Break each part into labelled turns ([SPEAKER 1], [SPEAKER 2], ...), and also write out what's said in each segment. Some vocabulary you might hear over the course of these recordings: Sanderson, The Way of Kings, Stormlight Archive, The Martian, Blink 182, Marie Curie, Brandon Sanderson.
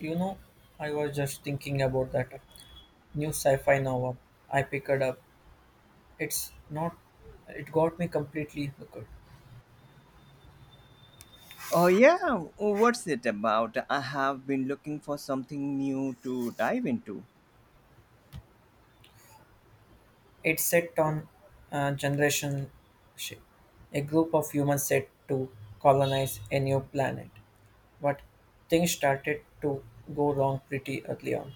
[SPEAKER 1] You know, I was just thinking about that new sci-fi novel I picked up. It's not, it got me completely hooked.
[SPEAKER 2] Oh, yeah. Well, what's it about? I have been looking for something new to dive into.
[SPEAKER 1] It's set on a generation ship, a group of humans set to colonize a new planet, but things started to go wrong pretty early on.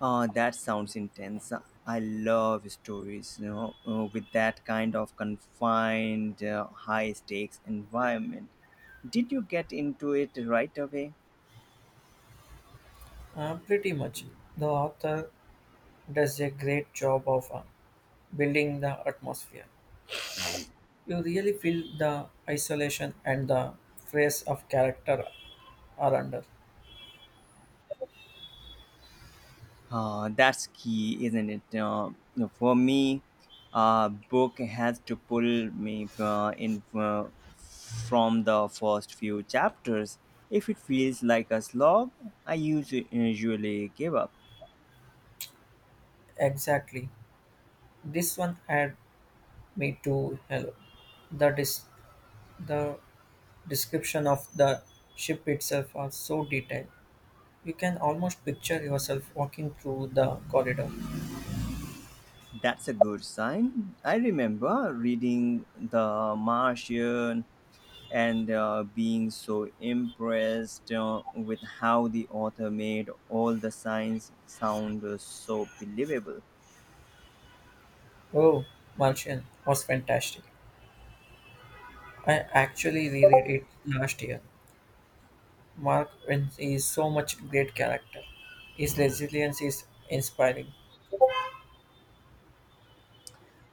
[SPEAKER 2] That sounds intense. I love stories, you know, with that kind of confined, high stakes environment. Did you get into it right away?
[SPEAKER 1] Pretty much, the author does a great job of building the atmosphere. You really feel the isolation and the phrase of character are under.
[SPEAKER 2] That's key, isn't it? For me, a book has to pull me in from the first few chapters. If it feels like a slog, I usually give up.
[SPEAKER 1] Exactly. This one had me to hello. The dis- the description of the ship itself are so detailed. You can almost picture yourself walking through the corridor.
[SPEAKER 2] That's a good sign. I remember reading The Martian and being so impressed with how the author made all the signs sound so believable.
[SPEAKER 1] Oh, Martian was fantastic. I actually reread it last year. Mark Vince is so much great character. His resilience is inspiring.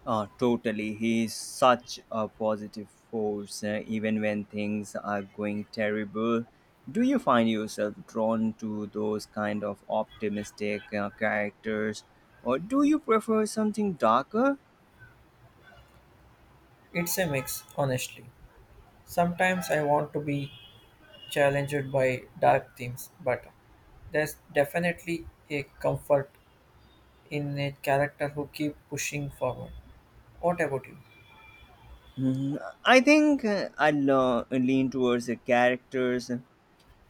[SPEAKER 2] Totally. He is such a positive force, even when things are going terrible. Do you find yourself drawn to those kind of optimistic characters, or do you prefer something darker?
[SPEAKER 1] It's a mix, honestly. Sometimes I want to be challenged by dark themes, but there's definitely a comfort in a character who keeps pushing forward. What about you?
[SPEAKER 2] Mm, I think I lean towards the characters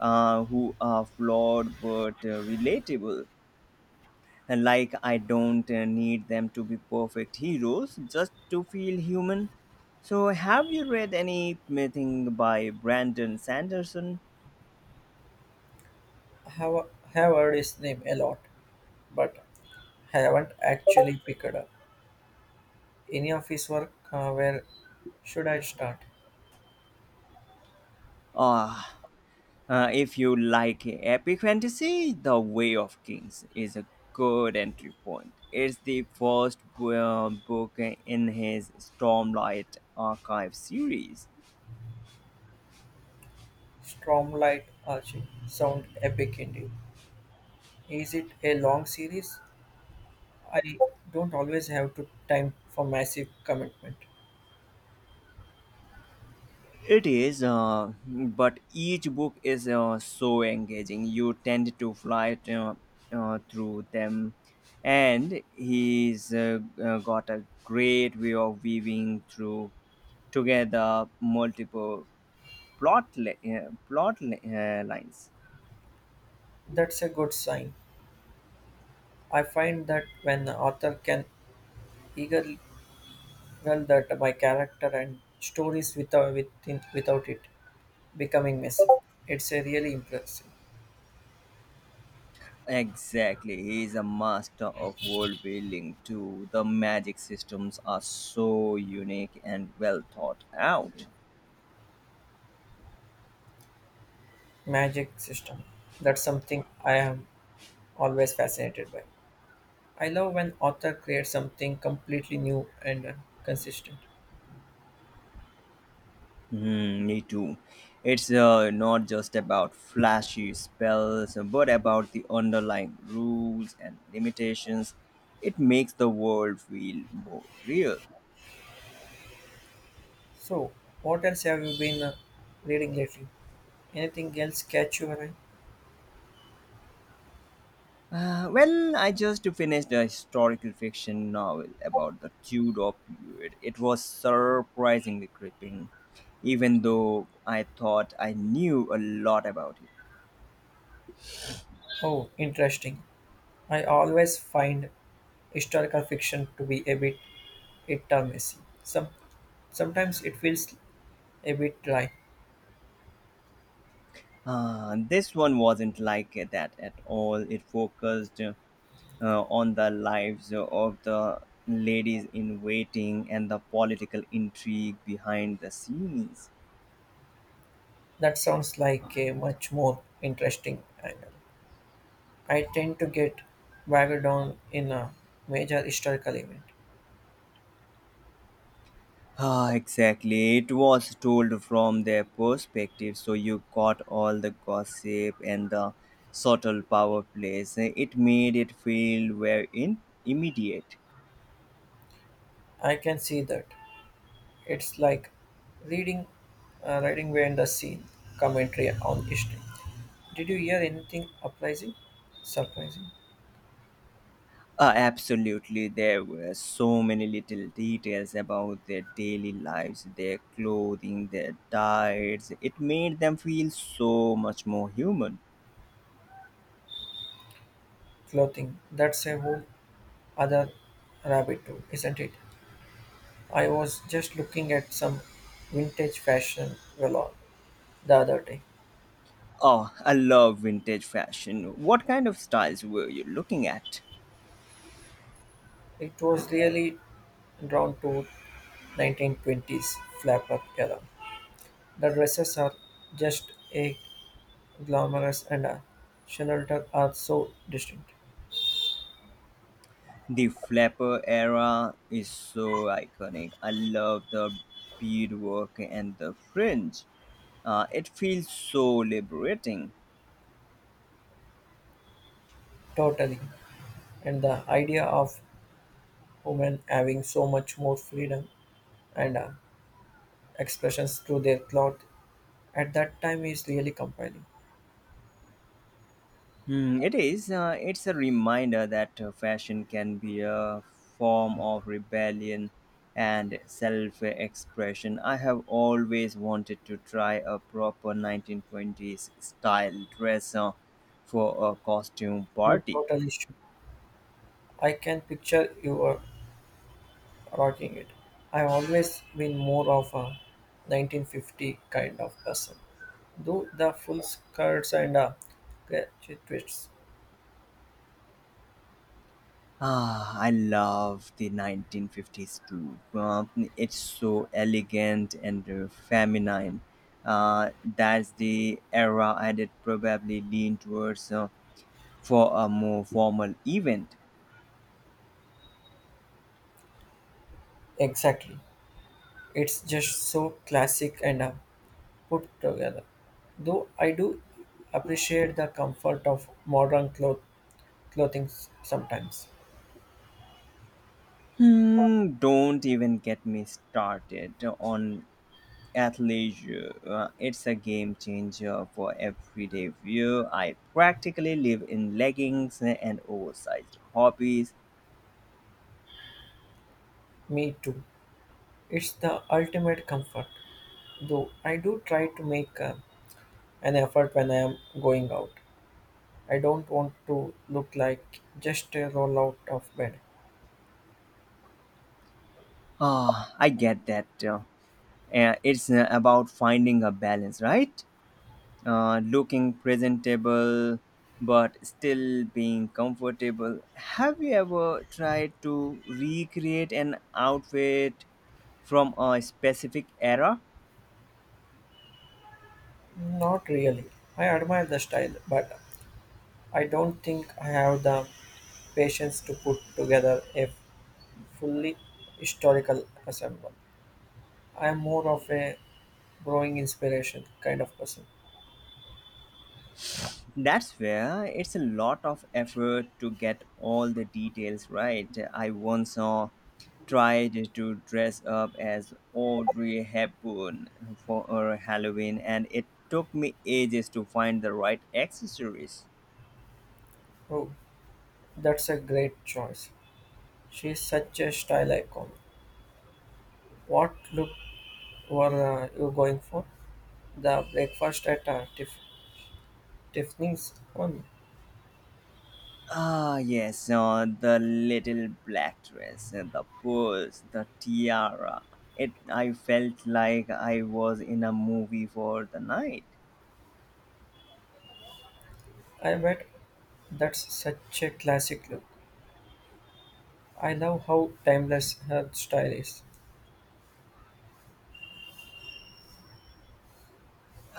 [SPEAKER 2] who are flawed but relatable. Like, I don't need them to be perfect heroes just to feel human. So, have you read anything by Brandon Sanderson?
[SPEAKER 1] I have heard his name a lot, but haven't actually picked up any of his work. Where should I start?
[SPEAKER 2] Ah, if you like epic fantasy, The Way of Kings is a good entry point. It's the first book in his Stormlight Archive series.
[SPEAKER 1] Stormlight Archie sound epic indeed. Is it a long series? I don't always have to time for massive commitment.
[SPEAKER 2] It is, but each book is so engaging. You tend to fly through them, and he's got a great way of weaving through together multiple lines.
[SPEAKER 1] That's a good sign. I find that when an author can eagerly well that my character and stories without it becoming messy, it's a really impressive
[SPEAKER 2] Exactly, he is a master of world building too. The magic systems are so unique and well thought out.
[SPEAKER 1] magic system. That's something I am always fascinated by. I love when author creates something completely new and consistent.
[SPEAKER 2] Hmm, me too. It's not just about flashy spells, but about the underlying rules and limitations. It makes the world feel more real.
[SPEAKER 1] So, what else have you been reading lately? Anything else catch your eye?
[SPEAKER 2] Well, I just finished a historical fiction novel about the Tudor period. It was surprisingly gripping, even though I thought I knew a lot about it.
[SPEAKER 1] Oh, interesting. I always find historical fiction to be a bit it are messy. Some, sometimes it feels a bit dry.
[SPEAKER 2] This one wasn't like that at all. It focused on the lives of the ladies in waiting and the political intrigue behind the scenes.
[SPEAKER 1] That sounds like a much more interesting angle. I tend to get bogged down in a major historical event.
[SPEAKER 2] Ah, exactly. It was told from their perspective, so you got all the gossip and the subtle power plays. It made it feel very immediate.
[SPEAKER 1] I can see that. It's like reading, writing behind the scene commentary on history. Did you hear anything uprising? Surprising?
[SPEAKER 2] Absolutely, there were so many little details about their daily lives, their clothing, their diets. It made them feel so much more human.
[SPEAKER 1] Clothing. That's a whole other rabbit hole, isn't it? I was just looking at some vintage fashion galore the other day.
[SPEAKER 2] Oh, I love vintage fashion. What kind of styles were you looking at?
[SPEAKER 1] It was really drawn to 1920s flapper era. The dresses are just a glamorous and a shelter are so distinct.
[SPEAKER 2] The flapper era is so iconic. I love the beadwork and the fringe. It feels so liberating.
[SPEAKER 1] Totally. And the idea of women having so much more freedom and expressions through their cloth at that time is really compelling.
[SPEAKER 2] Hmm, it is. It's a reminder that fashion can be a form of rebellion and self expression. I have always wanted to try a proper 1920s style dress for a costume
[SPEAKER 1] You
[SPEAKER 2] party.
[SPEAKER 1] totally should. I can picture you are rocking it. I've always been more of a 1950 kind of person. Do the full skirts and catchy twists.
[SPEAKER 2] Ah, I love the 1950s too. It's so elegant and feminine. That's the era I did probably lean towards. For a more formal event.
[SPEAKER 1] Exactly. It's just so classic and put together. Though I do appreciate the comfort of modern clothing sometimes.
[SPEAKER 2] Hmm, don't even get me started on athleisure. It's a game changer for everyday wear. I practically live in leggings and oversized hobbies.
[SPEAKER 1] Me too. It's the ultimate comfort. Though I do try to make an effort when I am going out. I don't want to look like just a roll out of bed.
[SPEAKER 2] Ah, I get that. It's about finding a balance, right? Looking presentable but still being comfortable. Have you ever tried to recreate an outfit from a specific era?
[SPEAKER 1] Not really. I admire the style, but I don't think I have the patience to put together a fully historical ensemble. I am more of a growing inspiration kind of person.
[SPEAKER 2] That's where it's a lot of effort to get all the details right. I once saw tried to dress up as Audrey Hepburn for her Halloween and it took me ages to find the right accessories.
[SPEAKER 1] Oh, that's a great choice. She's such a style icon. What look were you going for? The breakfast at Tiffany's one.
[SPEAKER 2] Ah, yes, the little black dress, and the pearls, the tiara. It, I felt like I was in a movie for the night.
[SPEAKER 1] I bet that's such a classic look. I love how timeless her style is.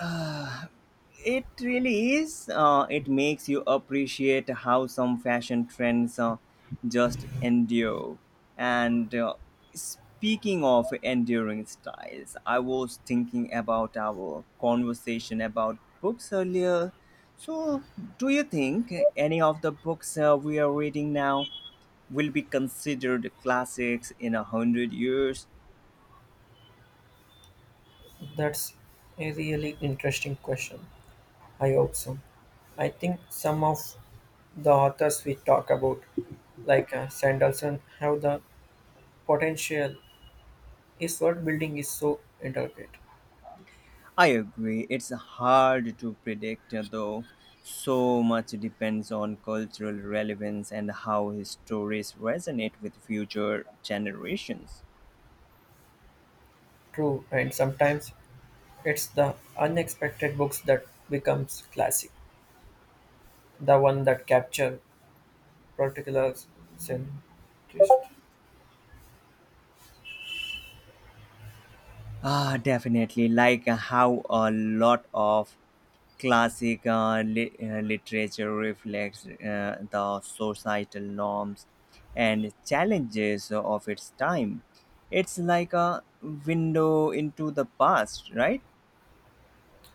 [SPEAKER 2] Uh, It really is. It makes you appreciate how some fashion trends just endure. And speaking of enduring styles, I was thinking about our conversation about books earlier. So, do you think any of the books we are reading now will be considered classics in 100 years?
[SPEAKER 1] That's a really interesting question. I hope so. I think some of the authors we talk about, like Sanderson, have the potential. His world building is so intricate,
[SPEAKER 2] I agree. It's hard to predict, though. So much depends on cultural relevance and how his stories resonate with future generations.
[SPEAKER 1] true, and sometimes it's the unexpected books that becomes classic, the one that capture particular sentiment.
[SPEAKER 2] Ah, definitely. Like how a lot of classic literature reflects the societal norms and challenges of its time. It's like a window into the past, right?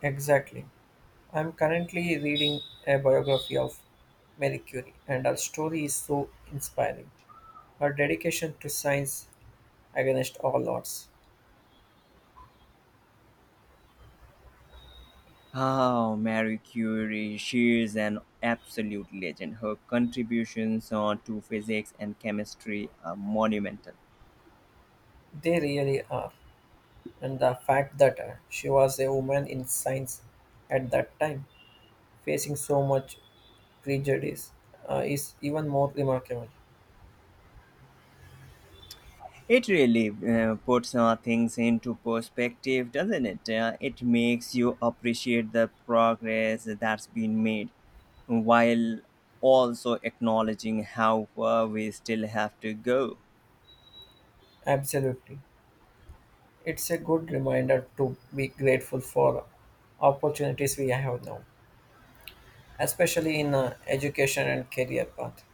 [SPEAKER 1] Exactly. I'm currently reading a biography of Marie Curie, and her story is so inspiring. Her dedication to science against all odds.
[SPEAKER 2] Oh, Marie Curie, she is an absolute legend. Her contributions to physics and chemistry are monumental.
[SPEAKER 1] They really are, and the fact that she was a woman in science at that time, facing so much prejudice, is even more remarkable.
[SPEAKER 2] It really puts things into perspective, doesn't it? It makes you appreciate the progress that's been made while also acknowledging how far we still have to go.
[SPEAKER 1] Absolutely. It's a good reminder to be grateful for opportunities we have now, especially in education and career path.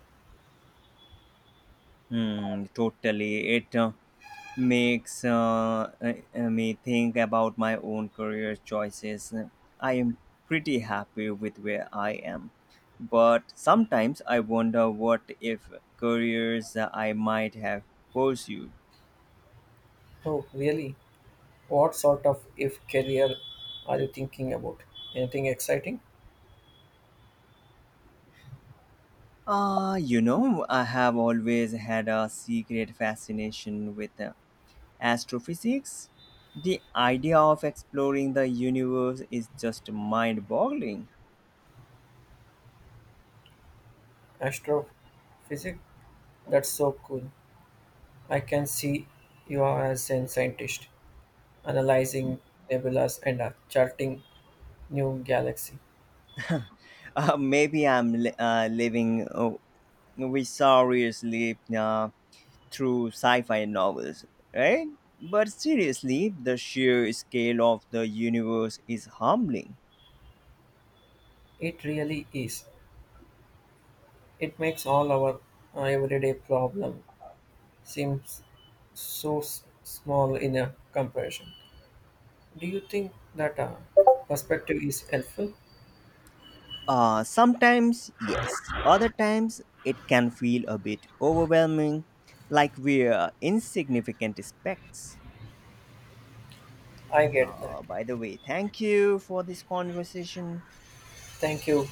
[SPEAKER 2] Hmm, totally. It makes me think about my own career choices. I am pretty happy with where I am, but sometimes I wonder what if careers I might have pursued.
[SPEAKER 1] Oh, really? What sort of if career are you thinking about? Anything exciting?
[SPEAKER 2] Ah, you know, I have always had a secret fascination with astrophysics. The idea of exploring the universe is just mind boggling.
[SPEAKER 1] Astrophysics? That's so cool. I can see you are as a scientist, analyzing nebulas, and charting new galaxy.
[SPEAKER 2] Maybe I'm living vicariously through sci-fi novels, right? But seriously, the sheer scale of the universe is humbling.
[SPEAKER 1] It really is. It makes all our everyday problem seems so small in a comparison. Do you think that perspective is helpful?
[SPEAKER 2] Sometimes, yes. Other times, it can feel a bit overwhelming, like we're insignificant specks.
[SPEAKER 1] I get that.
[SPEAKER 2] By the way, thank you for this conversation.
[SPEAKER 1] Thank you.